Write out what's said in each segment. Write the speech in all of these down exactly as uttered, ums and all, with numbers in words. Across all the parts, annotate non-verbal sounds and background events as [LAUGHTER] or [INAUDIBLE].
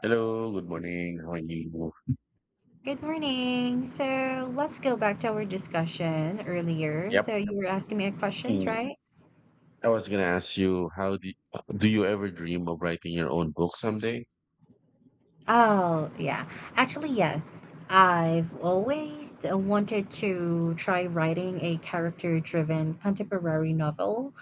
Hello, good morning. How are you? Good morning. So let's go back to our discussion earlier. Yep. So you were asking me questions, Mm, right? I was gonna ask you, how do do you ever dream of writing your own book someday? Oh, yeah. Actually, yes. I've always wanted to try writing a character-driven contemporary novel.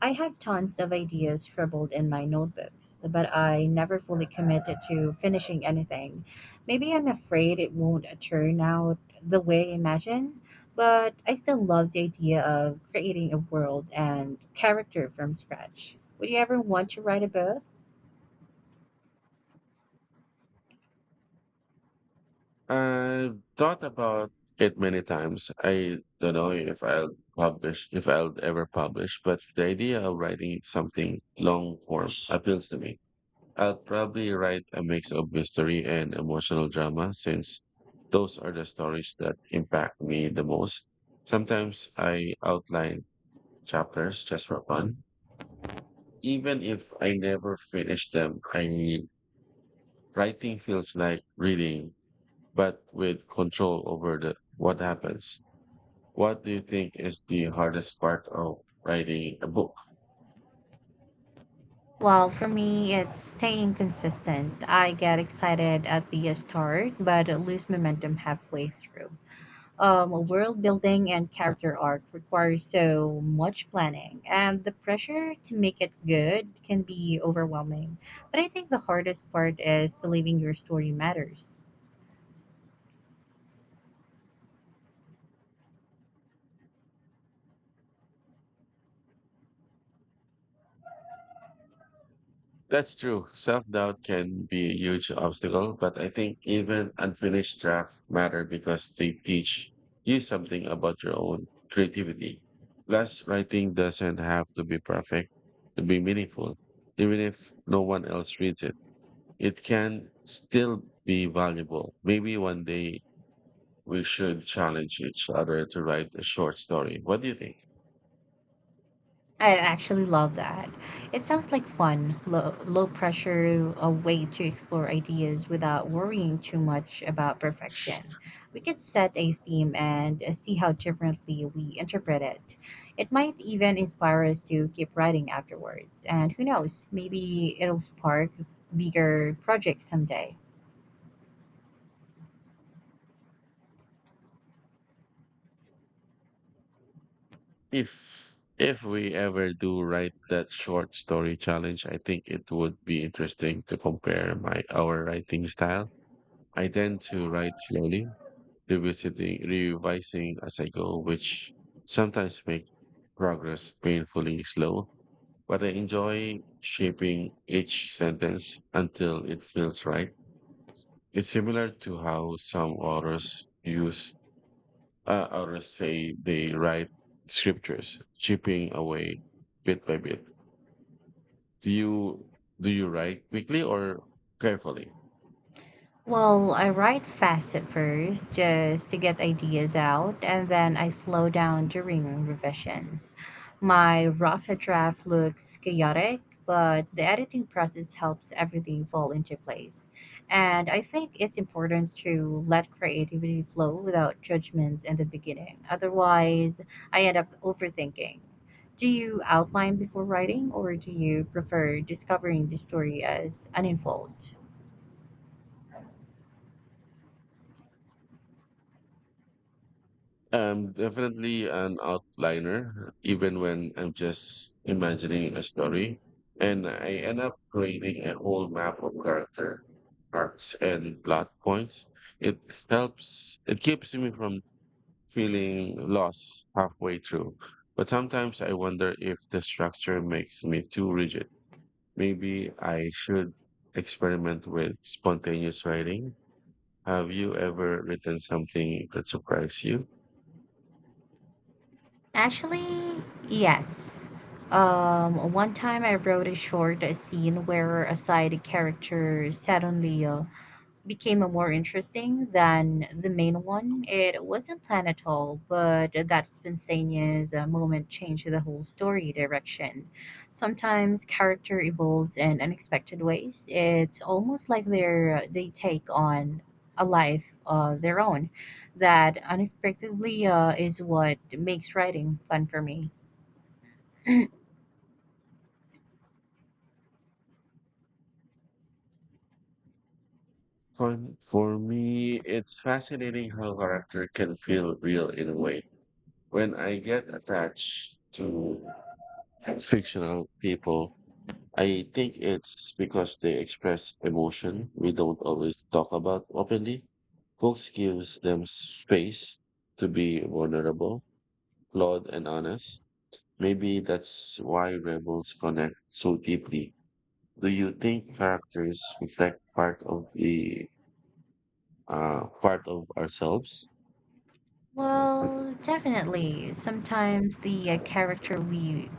I have tons of ideas scribbled in my notebooks, but I never fully committed to finishing anything. Maybe I'm afraid it won't turn out the way I imagine, but I still love the idea of creating a world and character from scratch. Would you ever want to write a book? I've thought about it many times. I don't know if I'll publish, if I'll ever publish, but the idea of writing something long form appeals to me. I'll probably write a mix of mystery and emotional drama since those are the stories that impact me the most. Sometimes I outline chapters just for fun. Even if I never finish them, I writing feels like reading, but with control over the what happens. What do you think is the hardest part of writing a book? Well, for me, it's staying consistent. I get excited at the start, but lose momentum halfway through. Um, world building and character arc require so much planning, and the pressure to make it good can be overwhelming. But I think the hardest part is believing your story matters. That's true. Self-doubt can be a huge obstacle, but I think even unfinished drafts matter because they teach you something about your own creativity. Plus, writing doesn't have to be perfect to be meaningful, even if no one else reads it. It can still be valuable. Maybe one day we should challenge each other to write a short story. What do you think? I actually love that. It sounds like fun, low, low pressure, a way to explore ideas without worrying too much about perfection. We could set a theme and uh, see how differently we interpret it. It might even inspire us to keep writing afterwards. And who knows, maybe it'll spark bigger projects someday. If if we ever do write that short story challenge, I think it would be interesting to compare my our writing style. I tend to write slowly, revisiting revising as I go, which sometimes make progress painfully slow, but I enjoy shaping each sentence until it feels right. It's similar to how some authors use uh, authors say they write scriptures, chipping away bit by bit. Do you do you write quickly or carefully? Well, I write fast at first just to get ideas out, and then I slow down during revisions. My rough draft looks chaotic, but the editing process helps everything fall into place. And I think it's important to let creativity flow without judgment in the beginning. Otherwise, I end up overthinking. Do you outline before writing, or do you prefer discovering the story as an unfold? I'm definitely an outliner, even when I'm just imagining a story, and I end up creating a whole map of character arcs and plot points. It helps. It keeps me from feeling lost halfway through. But sometimes I wonder if the structure makes me too rigid. Maybe I should experiment with spontaneous writing. Have you ever written something that surprised you? Actually, yes. Um, one time I wrote a short scene where a side character suddenly uh, became a more interesting than the main one. It wasn't planned at all, but that spontaneous uh, moment changed the whole story direction. Sometimes character evolves in unexpected ways. It's almost like they're they take on a life of their own. That unexpectedly uh, is what makes writing fun for me. Fun. For me, it's fascinating how character can feel real in a way. When I get attached to fictional people, I think it's because they express emotion we don't always talk about openly. Books gives them space to be vulnerable, flawed, and honest. Maybe that's why rebels connect so deeply. Do you think characters reflect part of the uh, part of ourselves? Well, definitely. Sometimes the uh, character we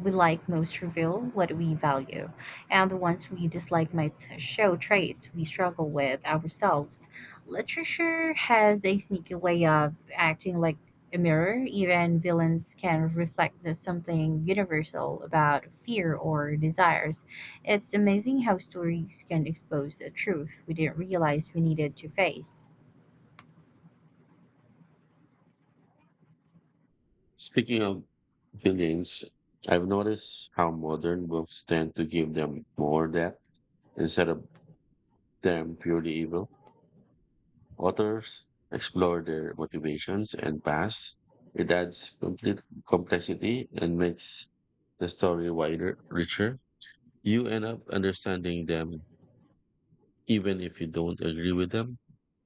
we like most reveal what we value, and the ones we dislike might show traits we struggle with ourselves. Literature has a sneaky way of acting like a mirror. Even villains can reflect the something universal about fear or desires. It's amazing how stories can expose a truth we didn't realize we needed to face. Speaking of villains, I've noticed how modern books tend to give them more depth instead of them purely evil. Authors explore their motivations and past. It adds complete complexity and makes the story wider, richer. You end up understanding them even if you don't agree with them.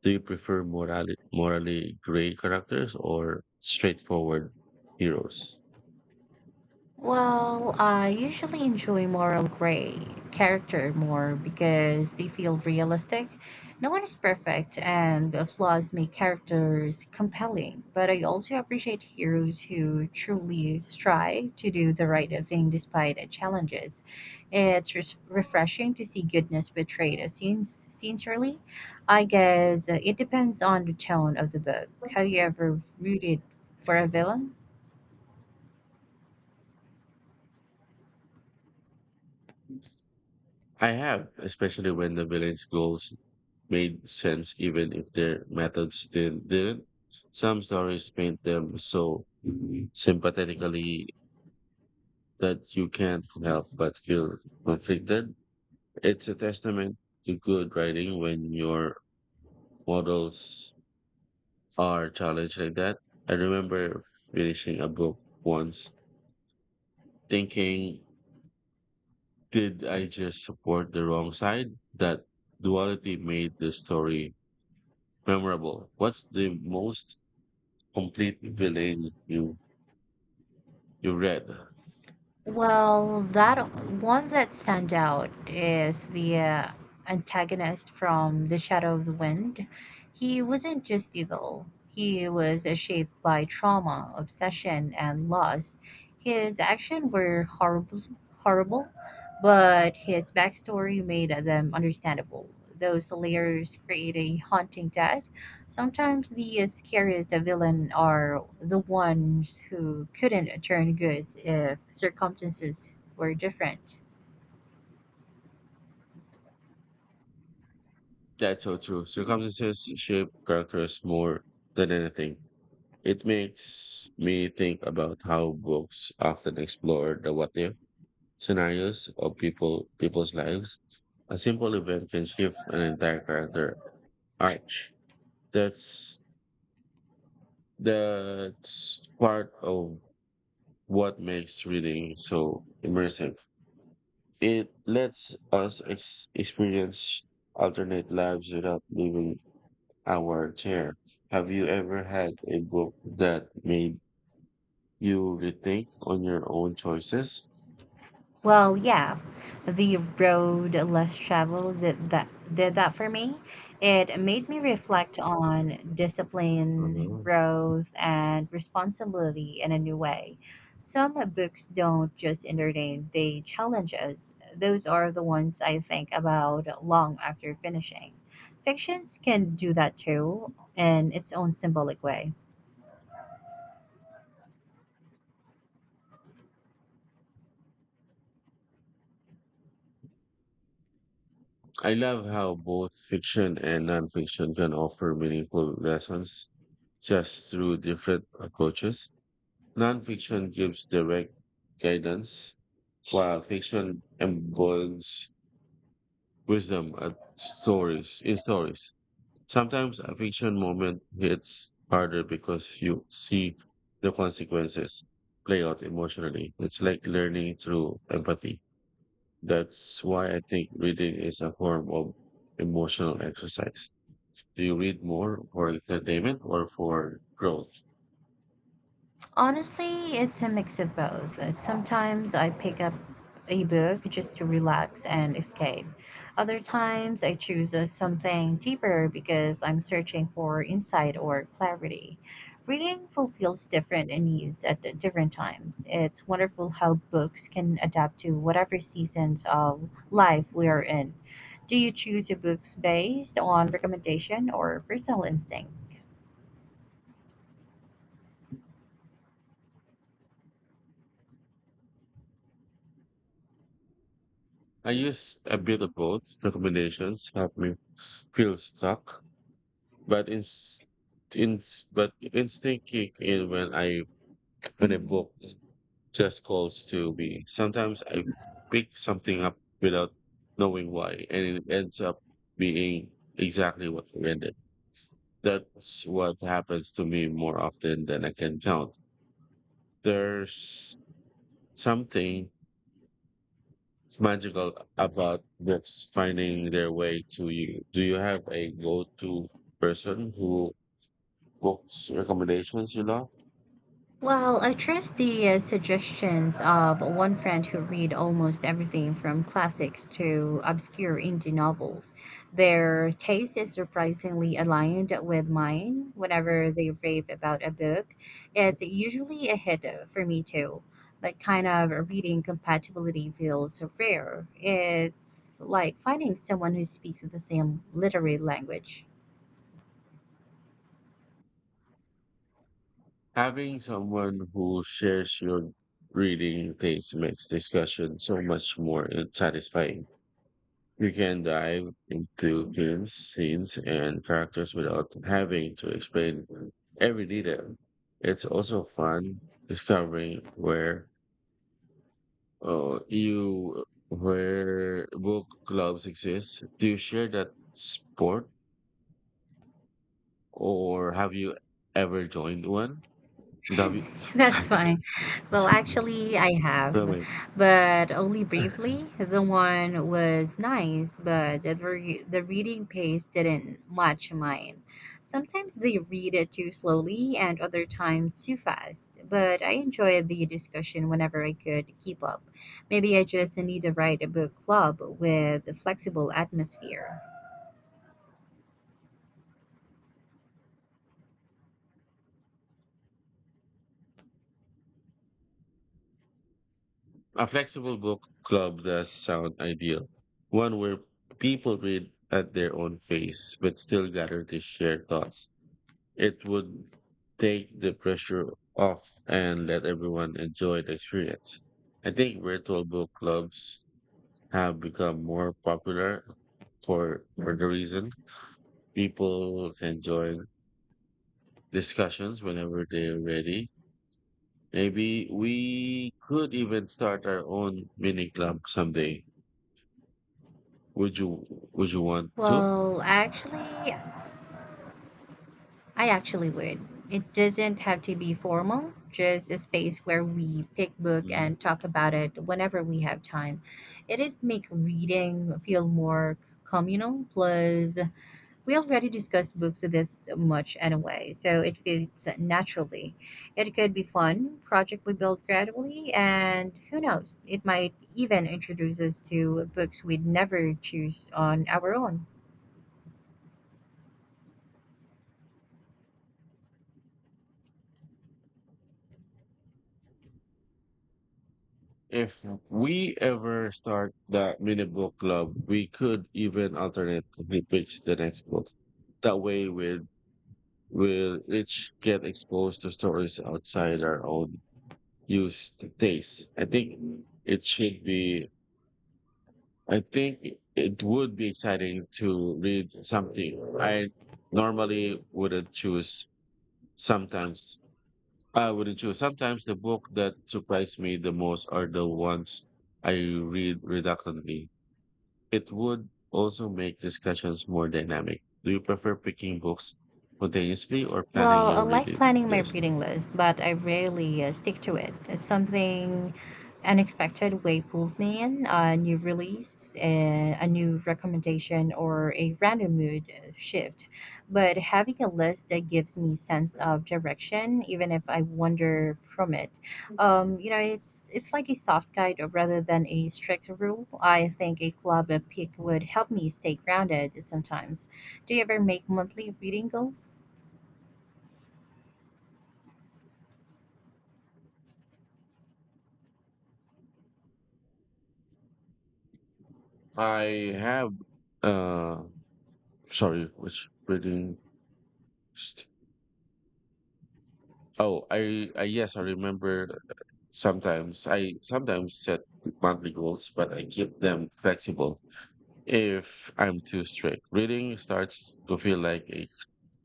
Do you prefer morally, morally gray characters or straightforward heroes? Well, I usually enjoy moral gray character more because they feel realistic. No one is perfect, and the flaws make characters compelling. But I also appreciate heroes who truly strive to do the right thing despite the challenges. It's res- refreshing to see goodness betrayed as sin- sincerely. I guess uh, it depends on the tone of the book. Have you ever rooted for a villain? I have, especially when the villain's goals made sense, even if their methods didn't. didn't. Some stories paint them so sympathetically that you can't help but feel conflicted. It's a testament to good writing when your models are challenged like that. I remember finishing a book once thinking, did I just support the wrong side? That duality made the story memorable. What's the most complete villain you you read? Well, that one that stands out is the uh, antagonist from The Shadow of the Wind. He wasn't just evil, he was uh, shaped by trauma, obsession, and loss. His actions were horrible, horrible, but his backstory made them understandable. Those layers create a haunting death. Sometimes the scariest villain are the ones who couldn't turn good if circumstances were different. That's so true. Circumstances shape characters more than anything. It makes me think about how books often explore the what if scenarios of people people's lives. A simple event can shift an entire character arch. That's that's part of what makes reading so immersive. It lets us ex- experience alternate lives without leaving our chair. Have you ever had a book that made you rethink on your own choices? Well, yeah, the road less traveled did that did that for me. It made me reflect on discipline, Mhm. growth, and responsibility in a new way. Some books don't just entertain; they challenge us. Those are the ones I think about long after finishing. Fictions can do that too, in its own symbolic way. I love how both fiction and nonfiction can offer meaningful lessons just through different approaches. Nonfiction gives direct guidance, while fiction embodies wisdom at stories in stories. Sometimes a fiction moment hits harder because you see the consequences play out emotionally. It's like learning through empathy. That's why I think reading is a form of emotional exercise. Do you read more for entertainment or for growth? Honestly, it's a mix of both. Uh, Sometimes I pick up a book just to relax and escape. Other times I choose uh, something deeper because I'm searching for insight or clarity. Reading fulfills different needs at the different times. It's wonderful how books can adapt to whatever seasons of life we are in. Do you choose your books based on recommendation or personal instinct? I use a bit of both. Recommendations help me feel stuck, but in, in but instinct kick in when I when I book just calls to me. Sometimes I pick something up without knowing why, and it ends up being exactly what I ended. That's what happens to me more often than I can count. There's something magical about books finding their way to you. Do you have a go to person who books recommendations you love? Well, I trust the uh, suggestions of one friend who read almost everything from classics to obscure indie novels. Their taste is surprisingly aligned with mine. Whenever they rave about a book, it's usually a hit for me too. That kind of reading compatibility feels rare. It's like finding someone who speaks the same literary language. Having someone who shares your reading taste makes discussion so much more in- satisfying. You can dive into themes, scenes, and characters without having to explain every detail. It's also fun discovering where uh, you where book clubs exist. Do you share that sport, or have you ever joined one? W. [LAUGHS] That's fine. [LAUGHS] Well, Sorry. actually, I have, but only briefly. The one was nice, but the, re- the reading pace didn't match mine. Sometimes they read it too slowly, and other times too fast, but I enjoyed the discussion whenever I could keep up. Maybe I just need to write a book club with a flexible atmosphere. A flexible book club does sound ideal. One where people read at their own pace but still gather to share thoughts. It would take the pressure off and let everyone enjoy the experience. I think virtual book clubs have become more popular for for the reason people can join discussions whenever they're ready. Maybe we could even start our own mini club someday. Would you would you want to? Well, actually, I actually would. It doesn't have to be formal, just a space where we pick book Mhm. and talk about it whenever we have time. It'd make reading feel more communal, plus we already discuss books this much anyway, so it fits naturally. It could be fun, project we build gradually, and who knows, it might even introduce us to books we'd never choose on our own. If we ever start that mini book club, we could even alternately pick the next book. That way, we'll we'll each get exposed to stories outside our own used taste. I think it should be. I think it would be exciting to read something I normally wouldn't choose sometimes I wouldn't choose. Sometimes the book that surprised me the most are the ones I read reluctantly. It would also make discussions more dynamic. Do you prefer picking books spontaneously or planning Well, I your like reading planning my list? reading list, but I rarely uh, stick to it. If something unexpected way pulls me in, a new release, a, a new recommendation, or a random mood uh, shift. But having a list that gives me sense of direction, even if I wander from it, um, you know, it's it's like a soft guide rather than a strict rule. I think a club pick would help me stay grounded sometimes. Do you ever make monthly reading goals? I have, uh, sorry, which reading? st- Oh, I, I, yes, I remember sometimes I sometimes set monthly goals, but I keep them flexible if I'm too strict. Reading starts to feel like a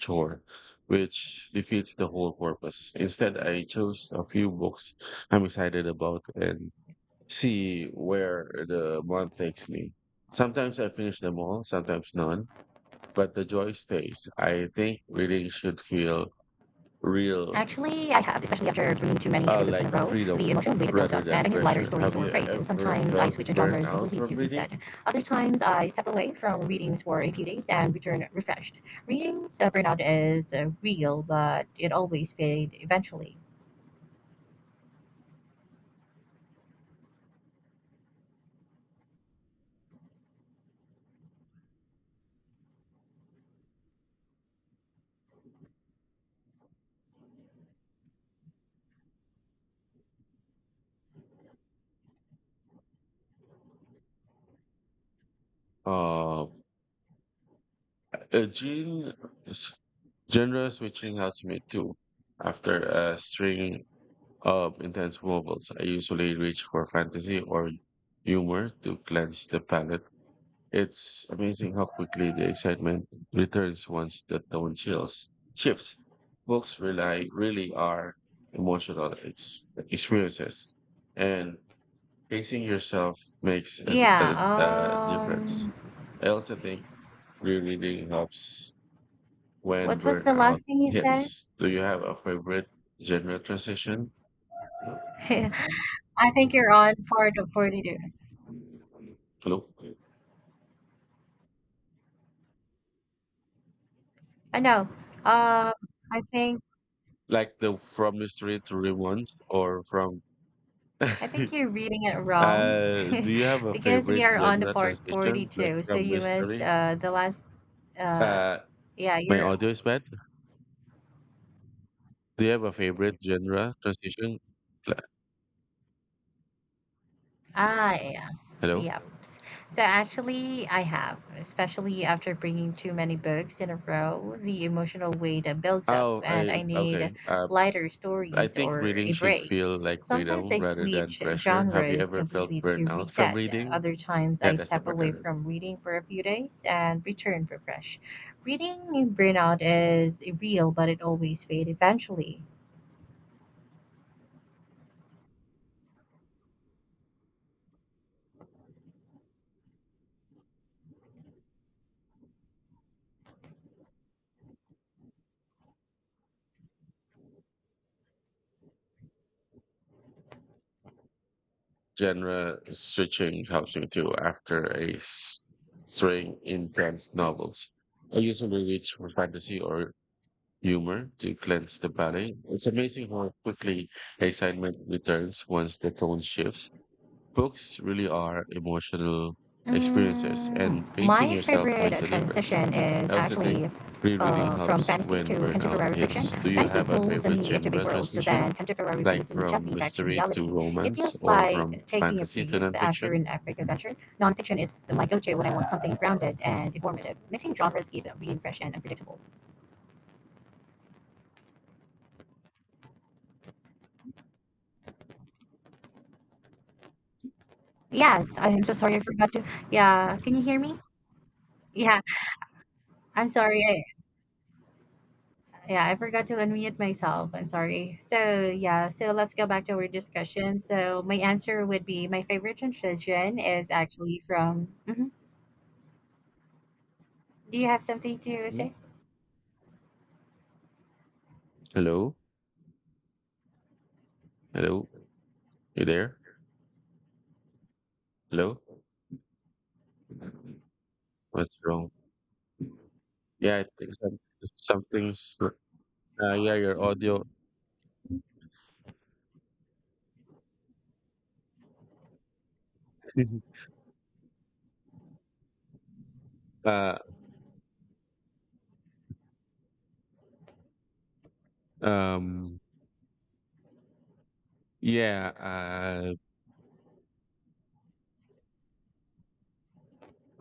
chore, which defeats the whole purpose. Instead, I chose a few books I'm excited about and see where the month takes me. Sometimes I finish them all, sometimes none, but the joy stays. I think reading should feel real, Actually, I have, especially after reading too many uh, heavy books in like a a row. The freedom emotional weight builds rather up, and than I need lighter pressure. stories Have or a you break. And ever sometimes I felt switch burnt genres out completely from to reading? reset. Other times I step away from readings for a few days and return refreshed. Readings uh, burnout is uh, real, but it always fades eventually. Uh, uh, Jean, s- Genre switching helps me too. After a string of intense novels, I usually reach for fantasy or humor to cleanse the palate. It's amazing how quickly the excitement returns once the tone chills. Shifts. Books rely really are emotional ex- experiences, and pacing yourself makes a, a, Yeah. a difference. Um. I also think rereading helps when What was the burnout last thing you said? hits. Do you have a favorite genre transition? [LAUGHS] I think you're on part of forty-two. Hello? I know. Um. I think. Like the from mystery thriller ones or from I think [LAUGHS] you're reading it wrong. uh do you have [LAUGHS] a Because we favorite are on the genre part transition like forty-two. So from you missed mystery? uh, the last, uh, Uh yeah, my you're audio is bad. Do you have a favorite genre transition? Like- Ah, yeah. Hello? Yep. So actually, I have, especially after bringing too many books in a row, the emotional weight uh, builds up, Oh, and I I need okay. Uh, lighter I stories think or reading a should break. feel like Sometimes freedom I rather than switch pressure. Have you genres ever felt completely to burnout from reset. reading? Other times Yeah, I that's the step part. away from reading for a few days and return refreshed. Reading burnout is real, but it always fades eventually. Genre switching helps me too after a s- string intense novels. I usually reach for fantasy or humor to cleanse the palate. It's amazing how quickly excitement returns once the tone shifts. Books really are emotional experiences, and Mm, pacing my yourself makes favorite a difference. transition is I also think actually rereading uh, from helps fantasy to when burnout contemporary fiction. hits. Do you Fantasy have a pulls favorite me into big genre worlds, so transition, then contemporary like brings me from gently back to mystery to reality. It romance feels or from like taking a fantasy to breath after nonfiction? an epic adventure. Nonfiction is my go-to when I want something grounded and informative. Mixing genres keep it being fresh and unpredictable. Yes, I'm so sorry I forgot to. Yeah, can you hear me? Yeah, I'm sorry. Yeah, I forgot to unmute myself. I'm sorry. So, yeah, so let's go back to our discussion. So, my answer would be my favorite transition is actually from. Mhm. Do you have something to Hmm? say? Hello? Hello? You there? Hello? What's wrong? Yeah, I think some, something's. Wr- Uh, yeah, your audio. [LAUGHS] uh, um, yeah, uh,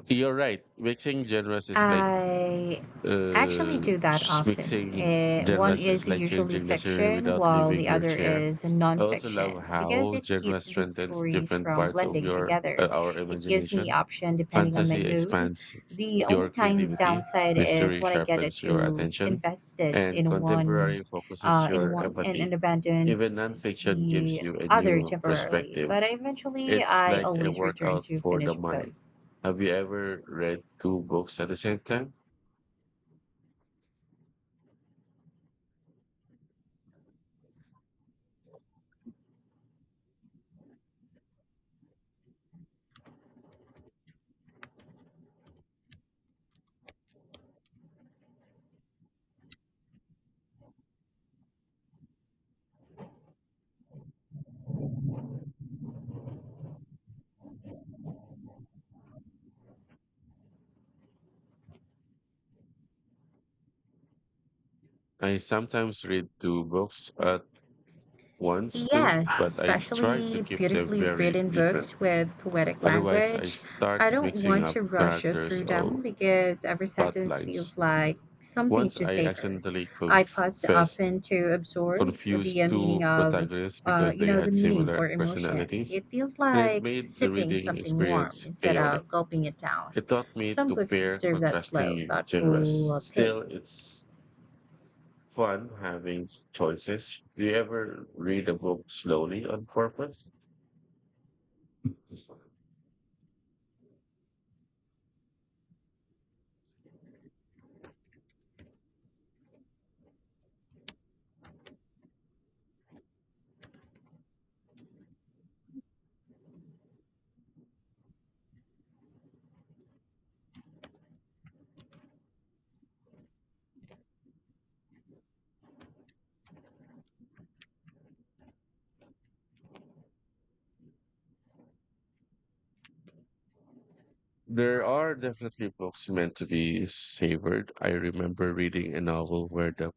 you're right. Mixing genres is like. I actually Uh, do that s- often. mixing Eh, one genres is is like usually changing the scenery fiction, without while leaving the your other chair. is I also love nonfiction, because how it genre keeps these strengthens stories different from parts of blending your uh, together. our It gives me imagination. option depending on my Fantasy mood. expands The only your time creativity, downside is mystery when I get it sharpens your too attention, invested and in one, contemporary focuses uh, in your one and, and empathy. abandon Even nonfiction gives the you a other new temporarily. perspective. But eventually, It's I like a always return workout to for the finish both. mind. Have you ever read two books at the same time? I sometimes read two books at once too, Yes, but I try to especially keep them beautifully very written different. books with poetic Otherwise, I language. start I don't mixing want up to rush characters through them or because every plot sentence lines. feels like something Once to I savor. accidentally I pause confessed often to absorb confused the uh, meaning two of, protagonists uh, because you they know, the had meaning similar or emotion. personalities, It feels and it like made the sipping reading something warm experience instead chaotic. of gulping it down. It taught me Some to books pair deserve that slow, contrasting thoughtful genres. uh, Still, pace. it's fun having choices. Do you ever read a book slowly on purpose? There are definitely books meant to be savored. I remember reading a novel where the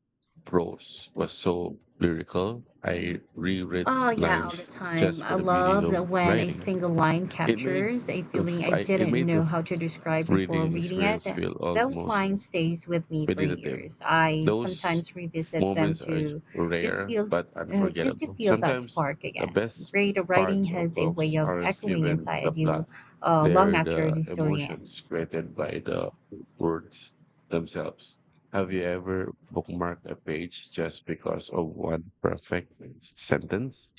prose was so lyrical. I reread Oh, yeah, all the lines time. just for I the beauty love of that when a writing. single line It made captures a the feeling I fight, it didn't made the know how to describe before reading reading it. experience feel Those almost lines stays with me for meditative. years. I Those sometimes revisit them moments are to just rare feel but uh, just to unforgettable. feel that Sometimes spark the again. best Great writing parts of has a way books of aren't echoing even the inside plot, you uh, long they're after the the story emotions ends. created by the words themselves. Have you ever bookmarked a page just because of one perfect sentence?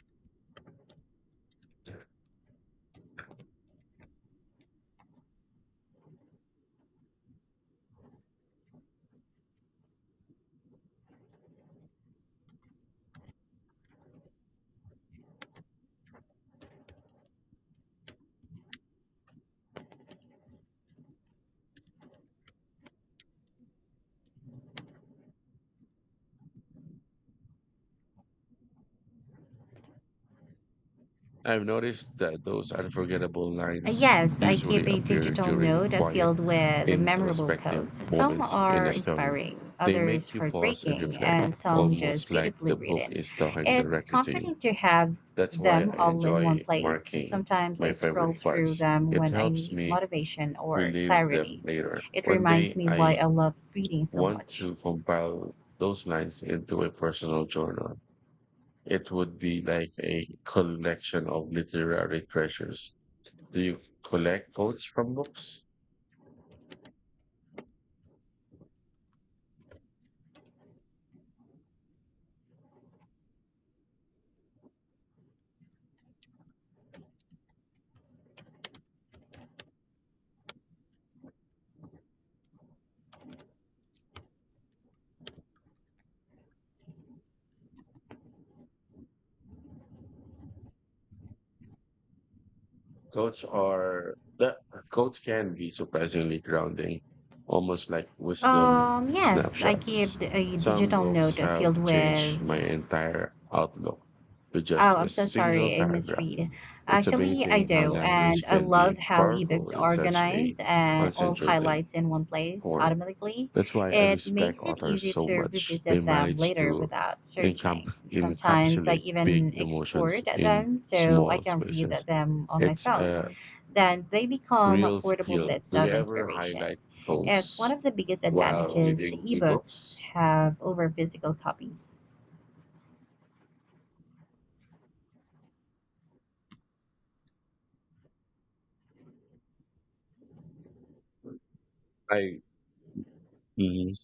I've noticed that those unforgettable Uh, lines Yes, I usually keep a appear digital during note uh, quiet, filled with the memorable introspective quotes. Some moments in are a story. inspiring, They others make you pause and heartbreaking, reflect, and some just almost like the beautifully book written. is talking It's directly to you. comforting to have That's why them I all in one enjoy place. marking Sometimes I my scroll favorite through parts. them It when I helps need me motivation or relive them clarity. later. It One reminds day me why I I love reading so want much. to compile those lines into a personal journal. It would be like a collection of literary treasures. Do you collect quotes from books? Quotes are the Quotes can be surprisingly grounding, almost like wisdom Um, yes, I keep snapshots. a Some digital books note have filled with. changed my entire outlook with just Oh, a I'm so single sorry. I paragraph. misread. It's Actually, I amazing how do. And language I can love be how ebooks powerful in are such a organized and all concentrated highlights in one place form. automatically. That's why I It respect makes it authors easy so to much. They revisit them manage later to without searching. encap- Sometimes I encapsulate big even emotions export in them so I small can read spaces. them on my It's phone. a Then they become real portable skill. bits Do you of ever inspiration. highlight It's one quotes of the biggest while advantages reading ebooks ebooks? have over physical copies. I Mhm.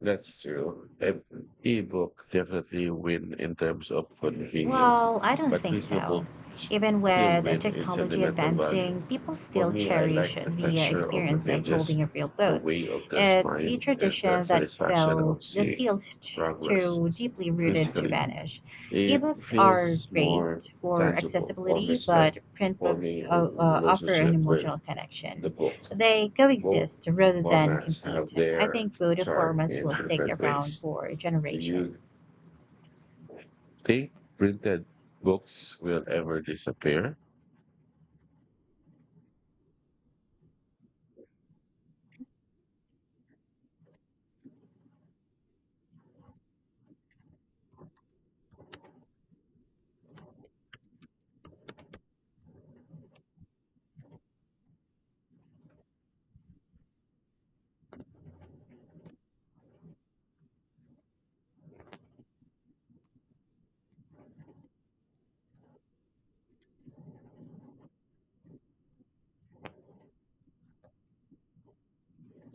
That's true. E- Ebook definitely win in terms of convenience, Well, I don't but think physical so. book Even still with uh, win in technology sentimental value. advancing, people For still me, I like cherish the the uh, texture of the experience of pages, holding a real the book. way of the It's a spine, and the tradition that satisfaction feels of that seeing feels t- progress too deeply rooted to physically. vanish. It Ebooks are feels more great for tangible, accessibility, almost like but print books forming a uh, uh, offer an relationship with emotional the connection. book. They Both coexist rather than formats have compete. I their think both charm formats in will stick different around ways. for Do you generations. think printed books will ever disappear?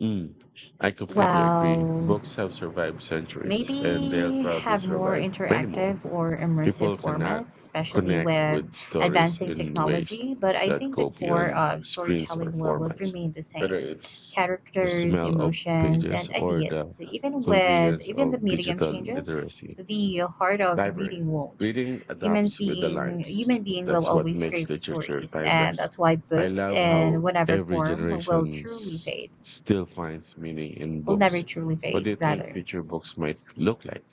Mm. I completely agree. Well, Books have survived centuries and they'll maybe probably have more survive many more. interactive or immersive People cannot formats, especially connect with with stories advancing in ways technology. But I that think the go core beyond of screens or storytelling will formats, remain the whether same it's the characters, smell of emotions, pages and or ideas. the Even with convenience even the of medium digital changes, literacy. the heart of Library. reading won't. Reading Humans adapts with the being lines. human being will That's what always makes crave literature stories, and timeless. that's why I books love how in whatever every form will generation truly s- fade. still finds meaning in Will never books. truly What fade, do you think rather. future books might look like?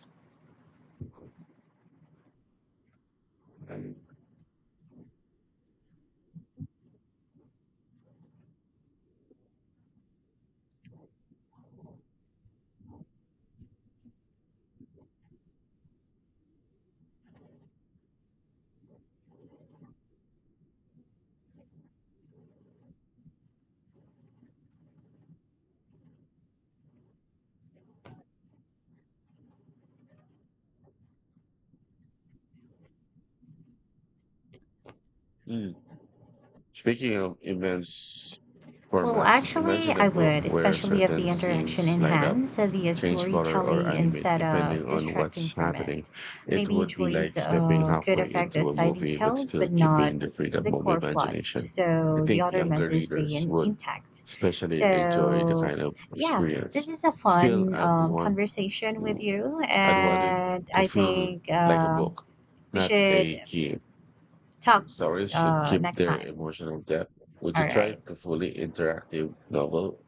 Mm. Speaking of immense Well, formats, actually, imagine a I book would, where especially if the certain interaction scenes light up, enhances the change color, or storytelling animate instead depending of on distracting what's from it. happening. It Maybe would be choice like stepping uh, could halfway affect the into a side movie but details, still but not keeping the the freedom of core plot. imagination. I So the think other younger message stay readers in, would intact. especially enjoy the So, kind of yeah, this experience. is a Still, fun I'd um, want conversation with to, you, I'd want it and to I feel think like a uh, book, we not a should game. talk Stories should uh, keep next their time. emotional depth. Would you All try right. to fully interactive novel